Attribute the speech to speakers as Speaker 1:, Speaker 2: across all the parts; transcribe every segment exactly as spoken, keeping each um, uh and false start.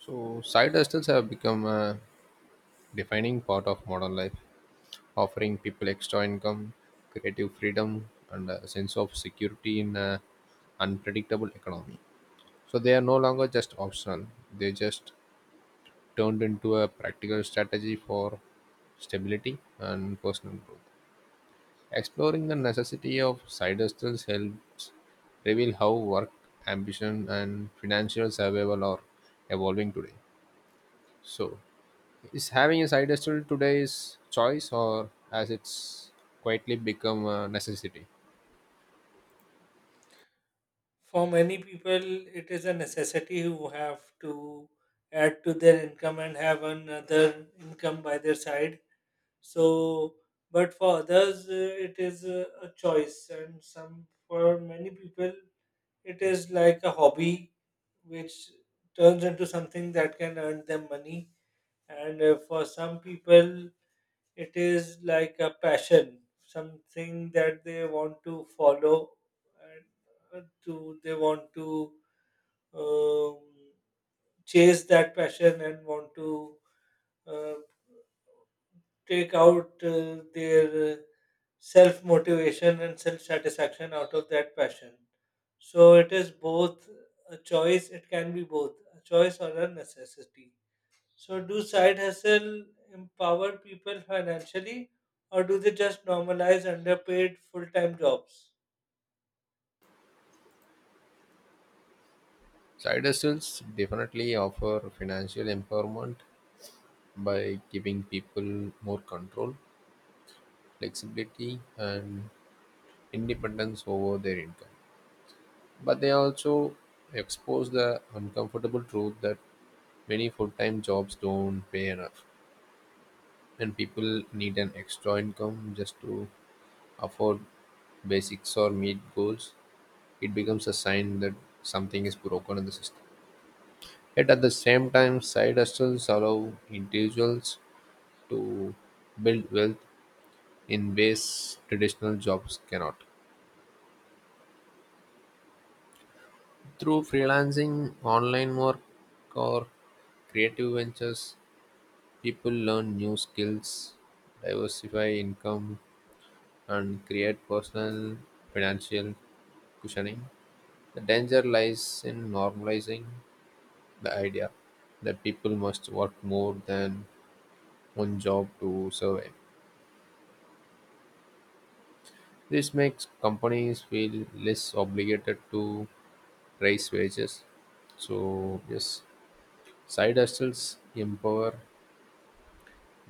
Speaker 1: So, side hustles have become a defining part of modern life, offering people extra income, creative freedom, and a sense of security in an unpredictable economy. So, they are no longer just optional, they just turned into a practical strategy for stability and personal growth. Exploring the necessity of side hustles helps reveal how work, ambition, and financial survival are evolving today. So, is having a side hustle today's choice or has it's quietly become a necessity?
Speaker 2: For many people, it is a necessity who have to add to their income and have another income by their side. So, but for others, uh, it is a, a choice, and some for many people, it is like a hobby which turns into something that can earn them money, and uh, for some people it is like a passion, something that they want to follow, and uh, to they want to um, chase that passion and want to uh, take out uh, their self motivation and self satisfaction out of that passion. So it is both a choice it can be both a choice or a necessity. So, do side hustle empower people financially, or do they just normalize underpaid full time jobs?
Speaker 1: Side hustles definitely offer financial empowerment by giving people more control, flexibility, and independence over their income. But they also expose the uncomfortable truth that many full time jobs don't pay enough, and people need an extra income just to afford basics or meet goals. It becomes a sign that something is broken in the system. Yet at the same time, side hustles allow individuals to build wealth in ways traditional jobs cannot. Through freelancing, online work, or creative ventures, people learn new skills, diversify income, and create personal financial cushioning. The danger lies in normalizing the idea that people must work more than one job to survive. This makes companies feel less obligated to raise wages. So, yes, side hustles empower,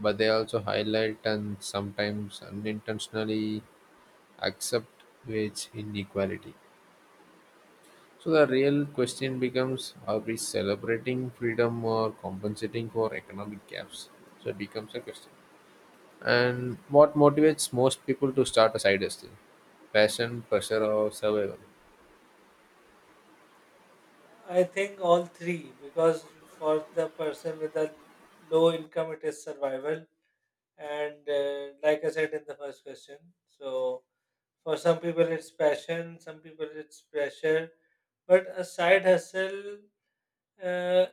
Speaker 1: but they also highlight and sometimes unintentionally accept wage inequality. So, the real question becomes, are we celebrating freedom or compensating for economic gaps? So, it becomes a question. And what motivates most people to start a side hustle? Passion, pressure, or survival?
Speaker 2: I think all three, because for the person with a low income, it is survival. And uh, like I said in the first question, so for some people it's passion, some people it's pressure, but a side hustle uh,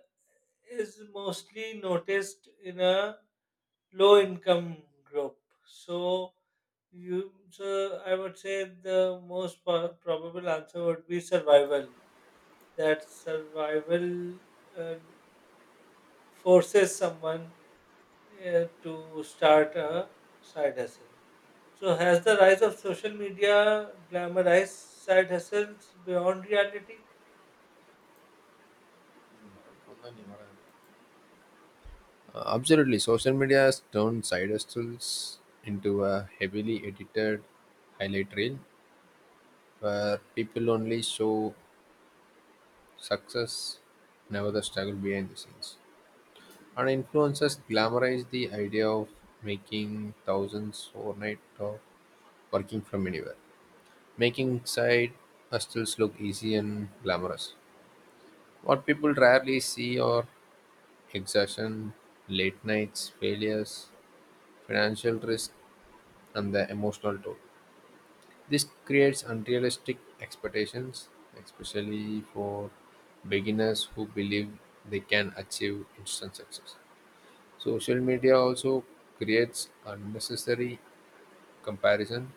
Speaker 2: is mostly noticed in a low income group. So You, so I would say the most po- probable answer would be survival. That survival uh, forces someone uh, to start a side hustle. So has the rise of social media glamorized side hustles beyond reality?
Speaker 1: Uh, Absolutely. Social media has turned side hustles into a heavily edited highlight reel where people only show success, never the struggle behind the scenes. And influencers glamorize the idea of making thousands overnight or working from anywhere, making side hustles look easy and glamorous. What people rarely see are exhaustion, late nights, failures, financial risk, and the emotional toll. This creates unrealistic expectations, especially for beginners who believe they can achieve instant success. Social media also creates unnecessary comparison,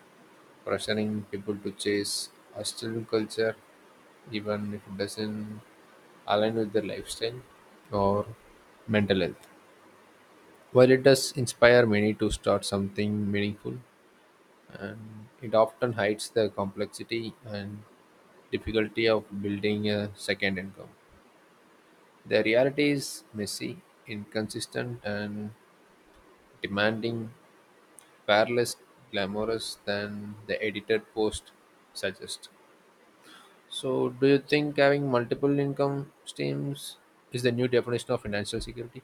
Speaker 1: pressuring people to chase hostile culture even if it doesn't align with their lifestyle or mental health. While it does inspire many to start something meaningful, and it often hides the complexity and difficulty of building a second income. The reality is messy, inconsistent, and demanding, far less glamorous than the edited post suggests. So, do you think having multiple income streams is the new definition of financial security?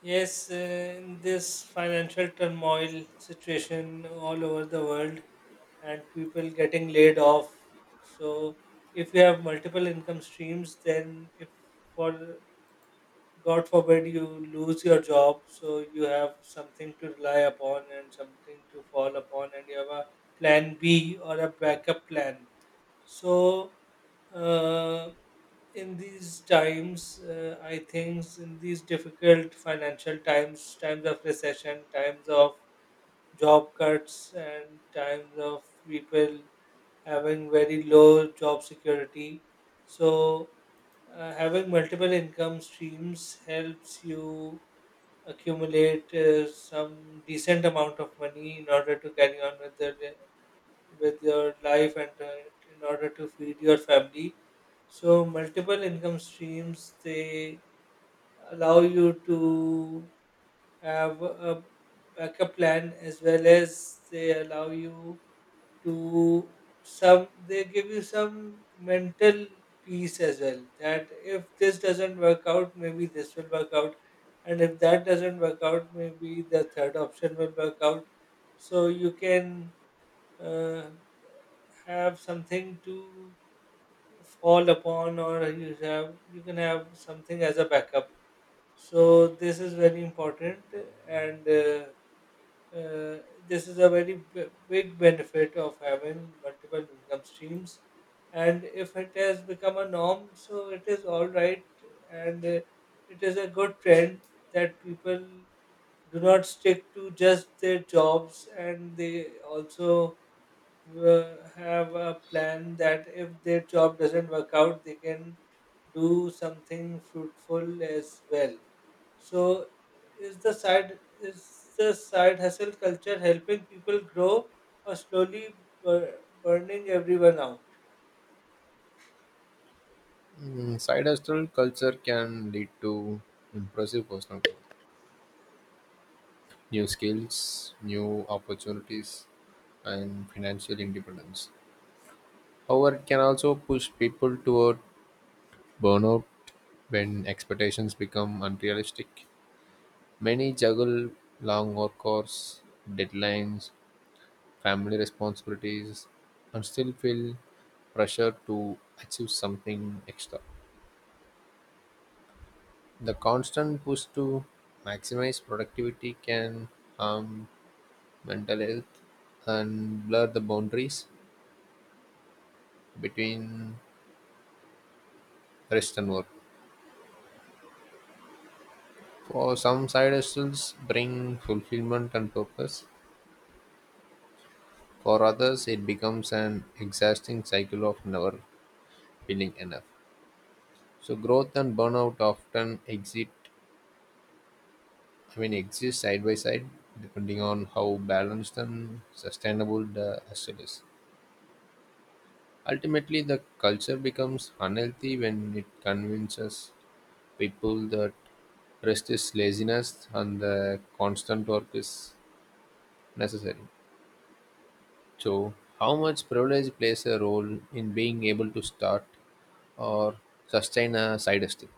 Speaker 2: Yes, uh, in this financial turmoil situation all over the world and people getting laid off. So, if you have multiple income streams, then if for God forbid you lose your job, so you have something to rely upon and something to fall upon, and you have a plan B or a backup plan. So, uh, in these times, uh, I think in these difficult financial times, times of recession, times of job cuts, and times of people having very low job security. So, uh, having multiple income streams helps you accumulate uh, some decent amount of money in order to carry on with the with your life, and uh, in order to feed your family. So multiple income streams, they allow you to have a backup plan, as well as they allow you to some they give you some mental peace as well, that if this doesn't work out maybe this will work out, and if that doesn't work out maybe the third option will work out. So you can uh, have something to fall upon, or you have you can have something as a backup. So this is very important, and uh, uh, this is a very b- big benefit of having multiple income streams. And if it has become a norm, so it is all right, and uh, it is a good trend that people do not stick to just their jobs, and they also w- have a plan that if their job doesn't work out, they can do something fruitful as well. So, is the side is the side hustle culture helping people grow or slowly bur- burning everyone out?
Speaker 1: Mm, side hustle culture can lead to impressive personal growth, new skills, new opportunities, and financial independence. However, it can also push people toward burnout. When expectations become unrealistic, many juggle long work hours, deadlines, family responsibilities, and still feel pressure to achieve something extra. The constant push to maximize productivity can harm mental health and blur the boundaries between rest and work. For some, side hustles bring fulfillment and purpose. For others, it becomes an exhausting cycle of never feeling enough. So growth and burnout often exit, I mean, exist side by side, depending on how balanced and sustainable the hustle is. Ultimately, the culture becomes unhealthy when it convinces people that rest is laziness and the constant work is necessary. So, how much privilege plays a role in being able to start or sustain a side hustle?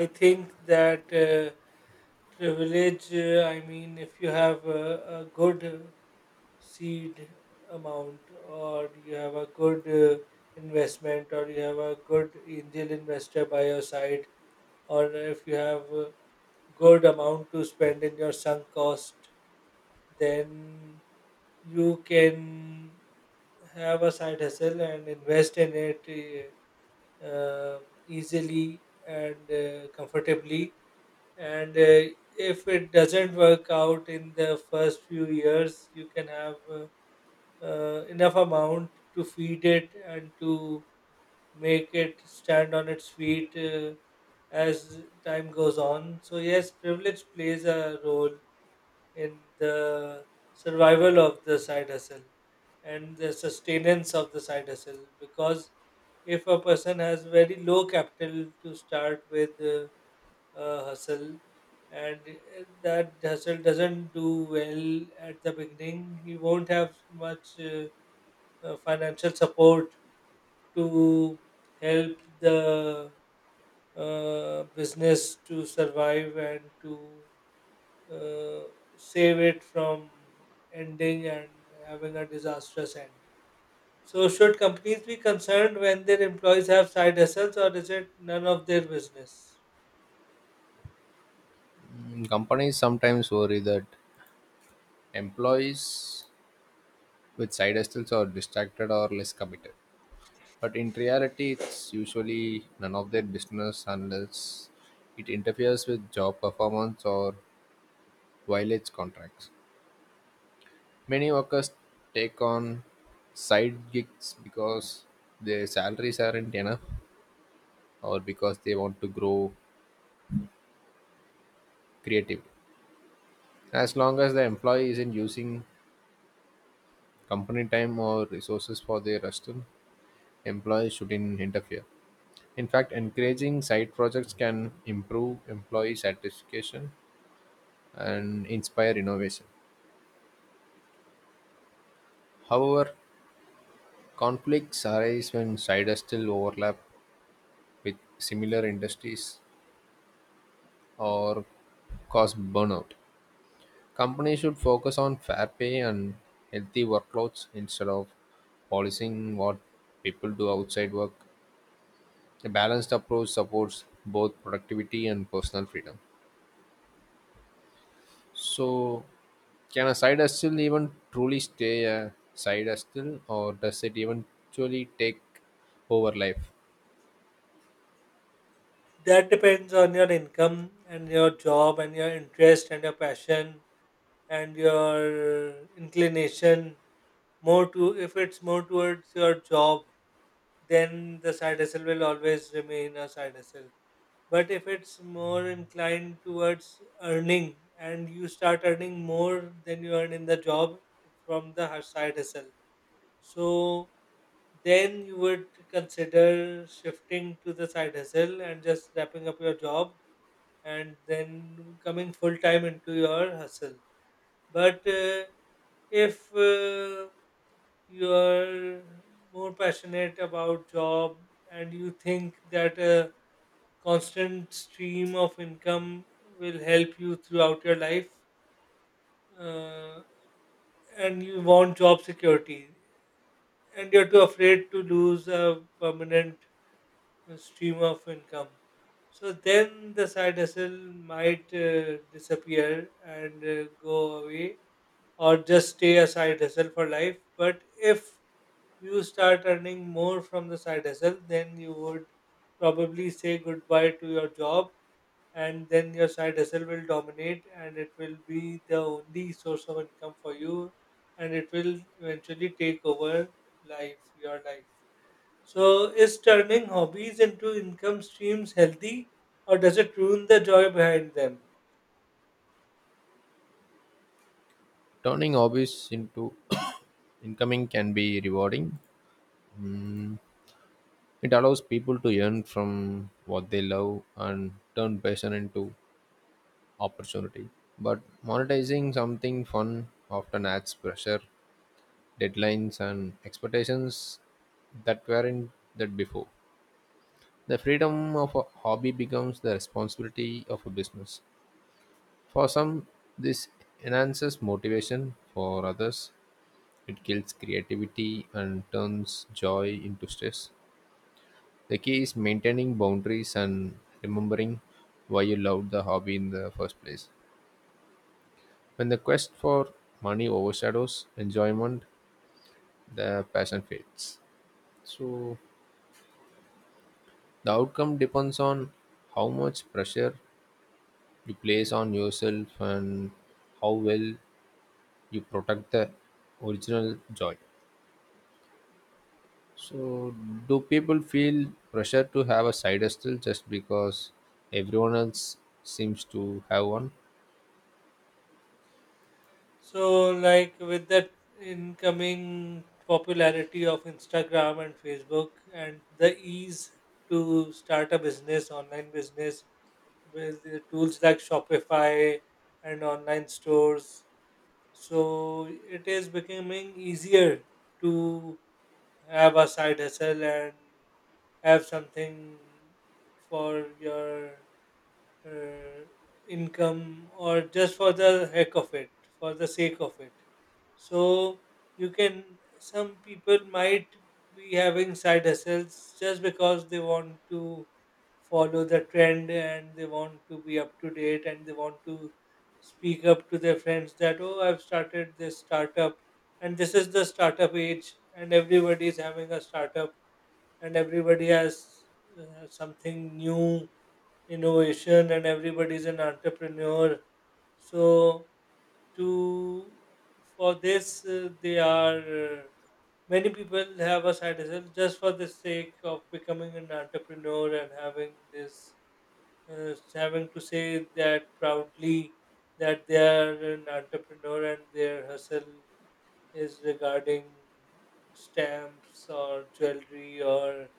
Speaker 2: I think that. Uh, Privilege, uh, I mean, if you have a, a good uh, seed amount, or you have a good uh, investment, or you have a good angel investor by your side, or if you have a good amount to spend in your sunk cost, then you can have a side hustle and invest in it uh, um, easily and uh, comfortably. And uh, if it doesn't work out in the first few years, you can have uh, uh, enough amount to feed it and to make it stand on its feet uh, as time goes on. So yes, privilege plays a role in the survival of the side hustle and the sustenance of the side hustle, because if a person has very low capital to start with uh, uh, hustle, and uh, that hustle doesn't do well at the beginning, he won't have much uh, uh, financial support to help the uh, business to survive and to uh, save it from ending and having a disastrous end. So, should companies be concerned when their employees have side hustles, or is it none of their business?
Speaker 1: Companies sometimes worry that employees with side hustles are distracted or less committed. But in reality, it's usually none of their business unless it interferes with job performance or violates contracts. Many workers take on side gigs because their salaries aren't enough or because they want to grow creatively. As long as the employee isn't using company time or resources for their hustle, employers shouldn't interfere. In fact, encouraging side projects can improve employee satisfaction and inspire innovation. However, conflicts arise when sides still overlap with similar industries or cause burnout. Companies should focus on fair pay and healthy workloads instead of policing what people do outside work. A balanced approach supports both productivity and personal freedom. So, can a side hustle even truly stay a side hustle, or does it eventually take over life?
Speaker 2: That depends on your income and your job and your interest and your passion and your inclination. More to If it's more towards your job, then the side hustle will always remain a side hustle. But if it's more inclined towards earning, and you start earning more than you earn in the job, from the hus- side hustle, so then you would consider shifting to the side hustle and just wrapping up your job, and then coming full time into your hustle. But uh, if uh, you are more passionate about job, and you think that a constant stream of income will help you throughout your life, uh, and you want job security, and you're too afraid to lose a permanent uh, stream of income. So then the side hustle might uh, disappear and uh, go away, or just stay a side hustle for life. But if you start earning more from the side hustle, then you would probably say goodbye to your job, and then your side hustle will dominate, and it will be the only source of income for you, and it will eventually take over life, your life. So, is turning hobbies into income streams healthy, or does it ruin the joy behind them?
Speaker 1: Turning hobbies into incoming can be rewarding. Mm, It allows people to earn from what they love and turn passion into opportunity. But monetizing something fun often adds pressure, deadlines, and expectations that weren't that before. The freedom of a hobby becomes the responsibility of a business. For some, this enhances motivation. For others, it kills creativity and turns joy into stress. The key is maintaining boundaries and remembering why you loved the hobby in the first place. When the quest for money overshadows enjoyment, the passion fades. So, the outcome depends on how much pressure you place on yourself and how well you protect the original joy. So, do people feel pressure to have a side hustle just because everyone else seems to have one?
Speaker 2: So, like with that incoming popularity of Instagram and Facebook, and the ease to start a business, online business, with the tools like Shopify and online stores, so it is becoming easier to have a side hustle and have something for your uh, income, or just for the heck of it, for the sake of it. So you can, some people might be having side hustles just because they want to follow the trend, and they want to be up to date, and they want to speak up to their friends that, oh, I've started this startup, and this is the startup age, and everybody is having a startup, and everybody has uh, something new innovation, and everybody's an entrepreneur. So to for this uh, they are uh, many people have a side hustle just for the sake of becoming an entrepreneur and having this uh, having to say that proudly, that they are an entrepreneur, and their hustle is regarding stamps or jewelry or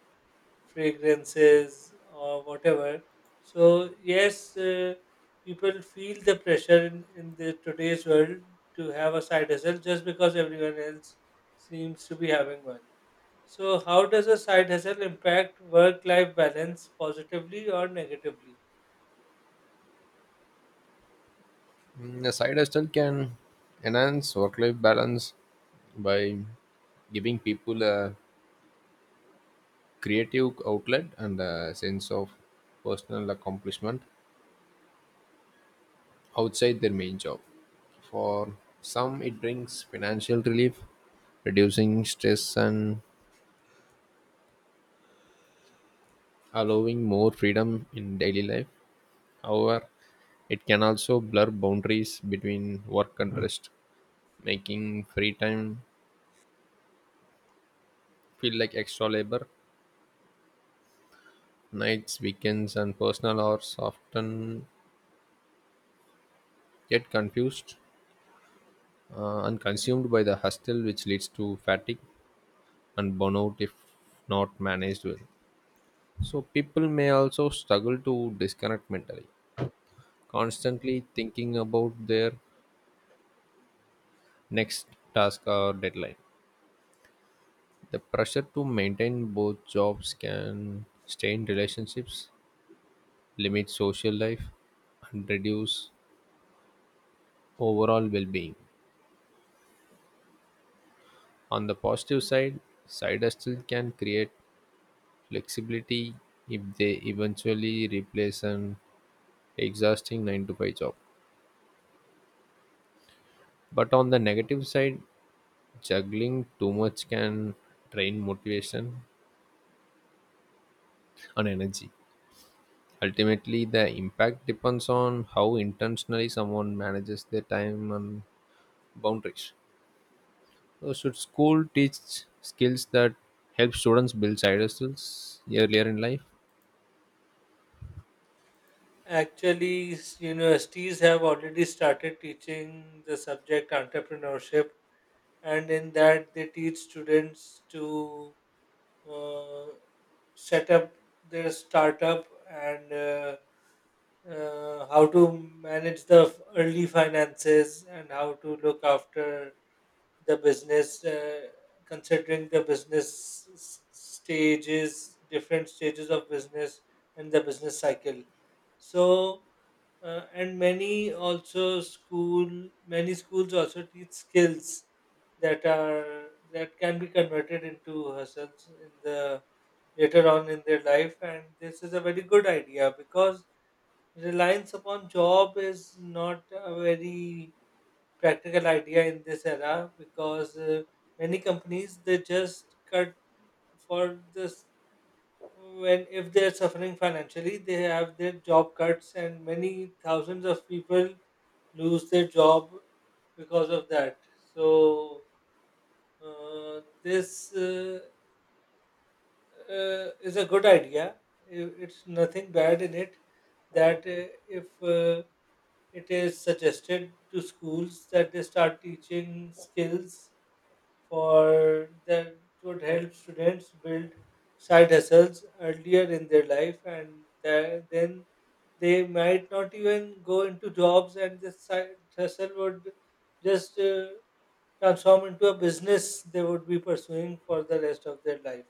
Speaker 2: fragrances or whatever. So yes, uh, people feel the pressure in, in the today's world to have a side hustle just because everyone else seems to be having one. So how does a side hustle impact work-life balance, positively or negatively?
Speaker 1: Mm, A side hustle can enhance work life balance by giving people a creative outlet and a sense of personal accomplishment outside their main job. For some, it brings financial relief, reducing stress and allowing more freedom in daily life. However, it can also blur boundaries between work and rest, making free time feel like extra labor. Nights, weekends, and personal hours often get confused uh, and consumed by the hustle, which leads to fatigue and burnout if not managed well. So, people may also struggle to disconnect mentally, constantly thinking about their next task or deadline. The pressure to maintain both jobs can strain relationships, limit social life, and reduce overall well being. On the positive side, side hustle can create flexibility if they eventually replace an exhausting nine to five job. But on the negative side, juggling too much can drain motivation and energy. Ultimately, the impact depends on how intentionally someone manages their time and boundaries. So, should school teach skills that help students build side hustles earlier in life?
Speaker 2: Actually, s- universities have already started teaching the subject entrepreneurship, and in that, they teach students to uh, set up their startup, and uh, uh, how to manage the f- early finances, and how to look after the business, uh, considering the business s- stages, different stages of business, and the business cycle. So, uh, and many also school, many schools also teach skills that are that can be converted into hustles in the later on in their life. And this is a very good idea, because reliance upon job is not a very practical idea in this era, because uh, many companies, they just cut for this when if they are suffering financially, they have their job cuts, and many thousands of people lose their job because of that. So uh, this uh, uh, is a good idea. I- It's nothing bad in it. That uh, if uh, it is suggested to schools that they start teaching skills for that would help students build side hustles earlier in their life, and tha- then they might not even go into jobs, and the side hustle would just uh, transform into a business they would be pursuing for the rest of their life.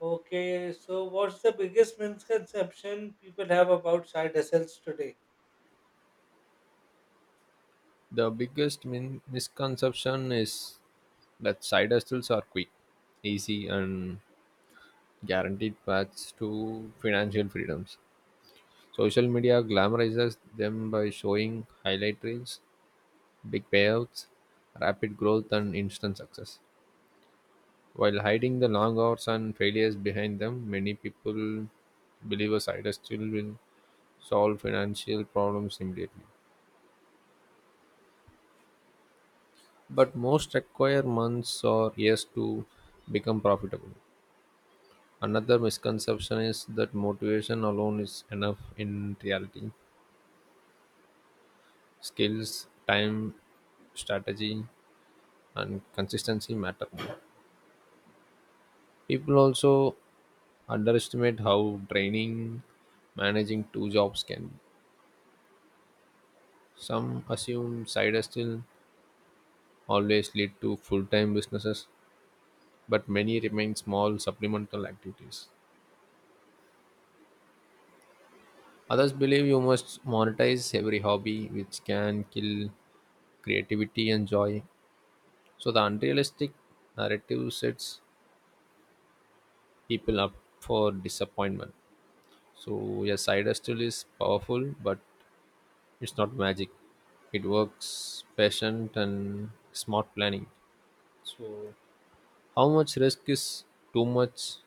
Speaker 2: Okay, so what's the biggest misconception people have about side hustles today?
Speaker 1: The biggest min- misconception is that side hustles are quick, easy, and guaranteed paths to financial freedoms. Social media glamorizes them by showing highlight reels, big payouts, rapid growth, and instant success. While hiding the long hours and failures behind them, many people believe a side hustle will solve financial problems immediately. But most require months or years to become profitable. Another misconception is that motivation alone is enough. In reality, skills, time, strategy, and consistency matter more. People also underestimate how draining managing two jobs can be. Some assume side hustles always lead to full time businesses, but many remain small supplemental activities. Others believe you must monetize every hobby, which can kill creativity and joy. So, the unrealistic narrative sets people up for disappointment. So, yes, cider still is powerful, but it's not magic. It works patient and smart planning. How much risk is too much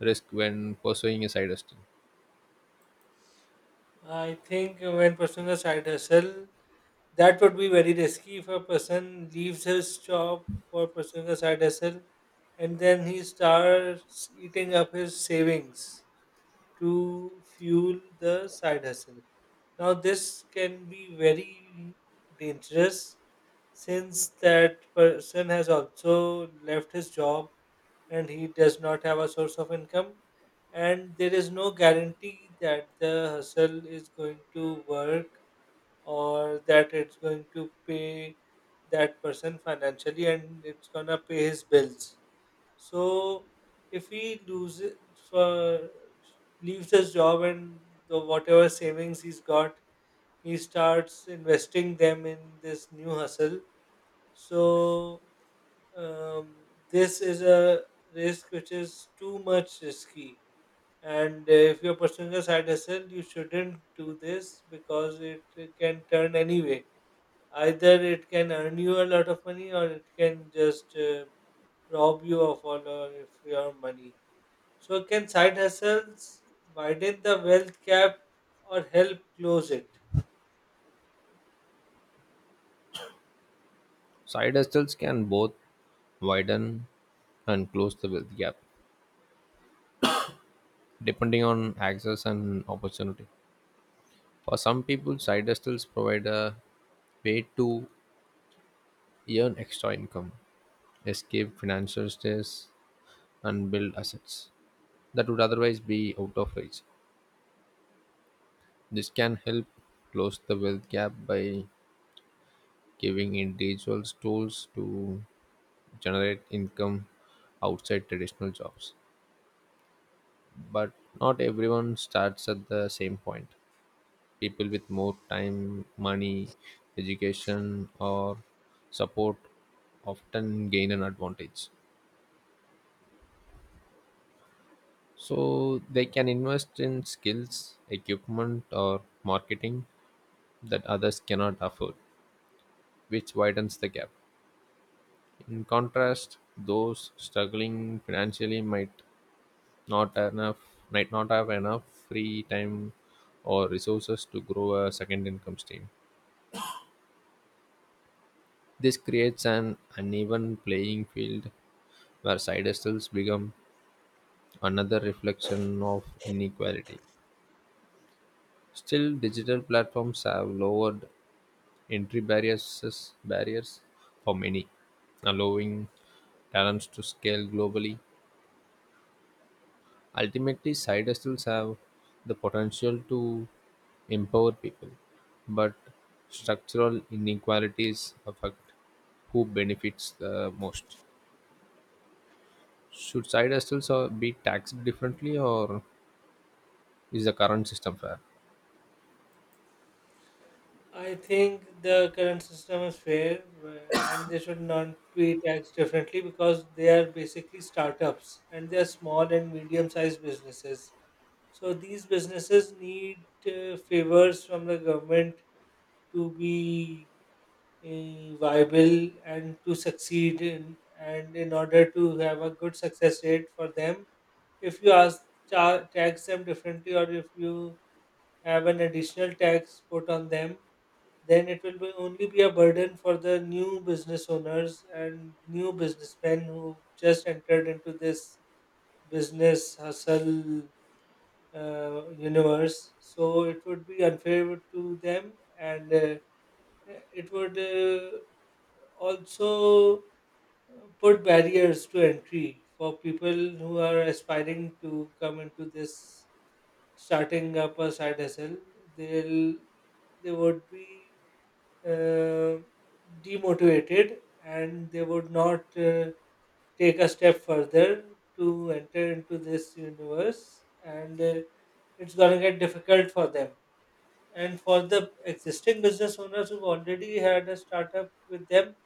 Speaker 1: risk when pursuing a side hustle?
Speaker 2: I think when pursuing a side hustle, that would be very risky if a person leaves his job for pursuing a side hustle, and then he starts eating up his savings to fuel the side hustle. Now, this can be very dangerous, since that person has also left his job, and he does not have a source of income, and there is no guarantee that the hustle is going to work, or that it's going to pay that person financially, and it's going to pay his bills. So if he loses for leaves his job, and the whatever savings he's got, he starts investing them in this new hustle. So um, this is a risk which is too much risky. And uh, if you're pursuing a side hustle, you shouldn't do this, because it uh, can turn anyway. Either it can earn you a lot of money, or it can just uh, rob you of all of your money. So can side hustles widen the wealth gap or help close it?
Speaker 1: Side hustles can both widen and close the wealth gap, depending on access and opportunity. For some people, side hustles provide a way to earn extra income, escape financial stress, and build assets that would otherwise be out of reach. This can help close the wealth gap by giving individuals tools to generate income outside traditional jobs. But not everyone starts at the same point. People with more time, money, education, or support often gain an advantage. So they can invest in skills, equipment, or marketing that others cannot afford, which widens the gap. In contrast, those struggling financially might not enough might not have enough free time or resources to grow a second income stream. This creates an uneven playing field where side hustles become another reflection of inequality. Still, digital platforms have lowered entry barriers, barriers for many, allowing talents to scale globally. Ultimately, side hustles have the potential to empower people, but structural inequalities affect who benefits the most. Should side hustles uh, be taxed differently, or is the current system fair?
Speaker 2: I think the current system is fair, uh, and they should not be taxed differently, because they are basically startups, and they are small and medium sized businesses. So these businesses need uh, favors from the government to be uh, viable and to succeed in, and in order to have a good success rate for them, if you ask ta- tax them differently, or if you have an additional tax put on them, then it will be only be a burden for the new business owners and new businessmen who just entered into this business hustle uh, universe. So it would be unfair to them, and uh, it would uh, also uh, put barriers to entry for people who are aspiring to come into this starting up a side hustle. they'll they would be uh, demotivated, and they would not uh, take a step further to enter into this universe. And uh, it's going to get difficult for them, and for the existing business owners who've already had a startup with them.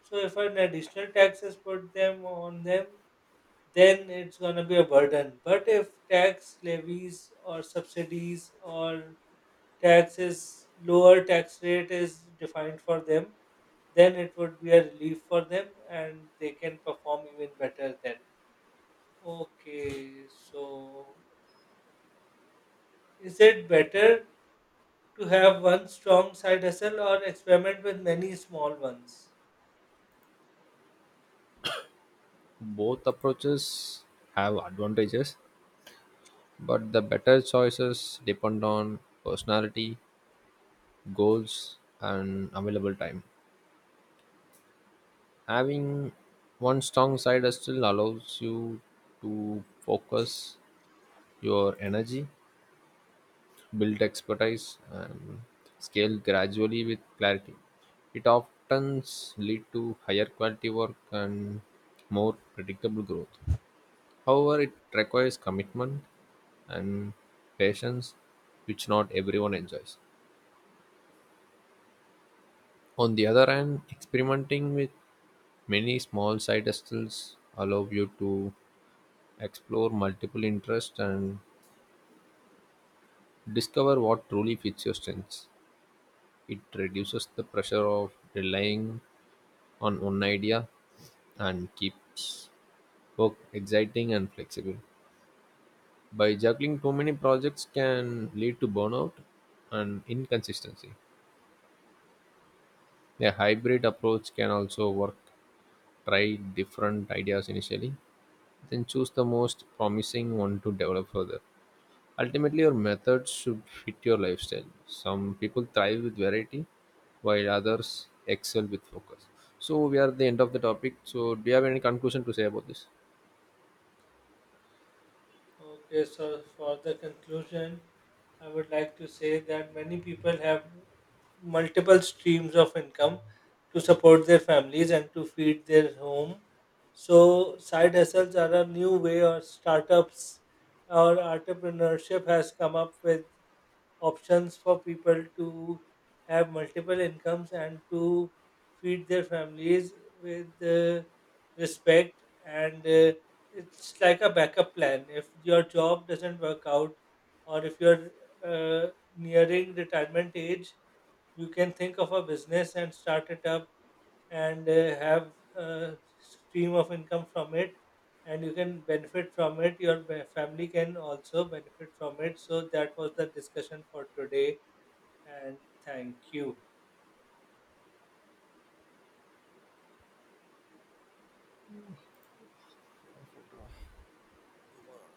Speaker 2: So if an additional tax is put them on them, then it's going to be a burden. But if tax levies or subsidies or taxes lower tax rate is defined for them, then it would be a relief for them, and they can perform even better then. Okay, so is it better to have one strong side hustle, or experiment with many small ones?
Speaker 1: Both approaches have advantages, but the better choices depend on personality, goals, and available time. Having one strong side still allows you to focus your energy, build expertise, and scale gradually with clarity. It often leads to higher quality work and more predictable growth. However, it requires commitment and patience, which not everyone enjoys. On the other hand, experimenting with many small side hustles allow you to explore multiple interests and discover what truly fits your strengths. It reduces the pressure of relying on one idea and keeps work exciting and flexible. By juggling too many projects can lead to burnout and inconsistency. A hybrid approach can also work. Try different ideas initially, then choose the most promising one to develop further. Ultimately, your methods should fit your lifestyle. Some people thrive with variety, while others excel with focus. So, we are at the end of the topic. So, do you have any conclusion to say about this?
Speaker 2: Okay, so for the conclusion, I would like to say that many people have multiple streams of income to support their families and to feed their home. So, side hustles are a new way, or startups or entrepreneurship has come up with options for people to have multiple incomes and to feed their families with uh, respect. And uh, it's like a backup plan if your job doesn't work out, or if you're uh, nearing retirement age, you can think of a business and start it up, and uh, have a stream of income from it, and you can benefit from it, your be- family can also benefit from it. So that was the discussion for today, and thank you.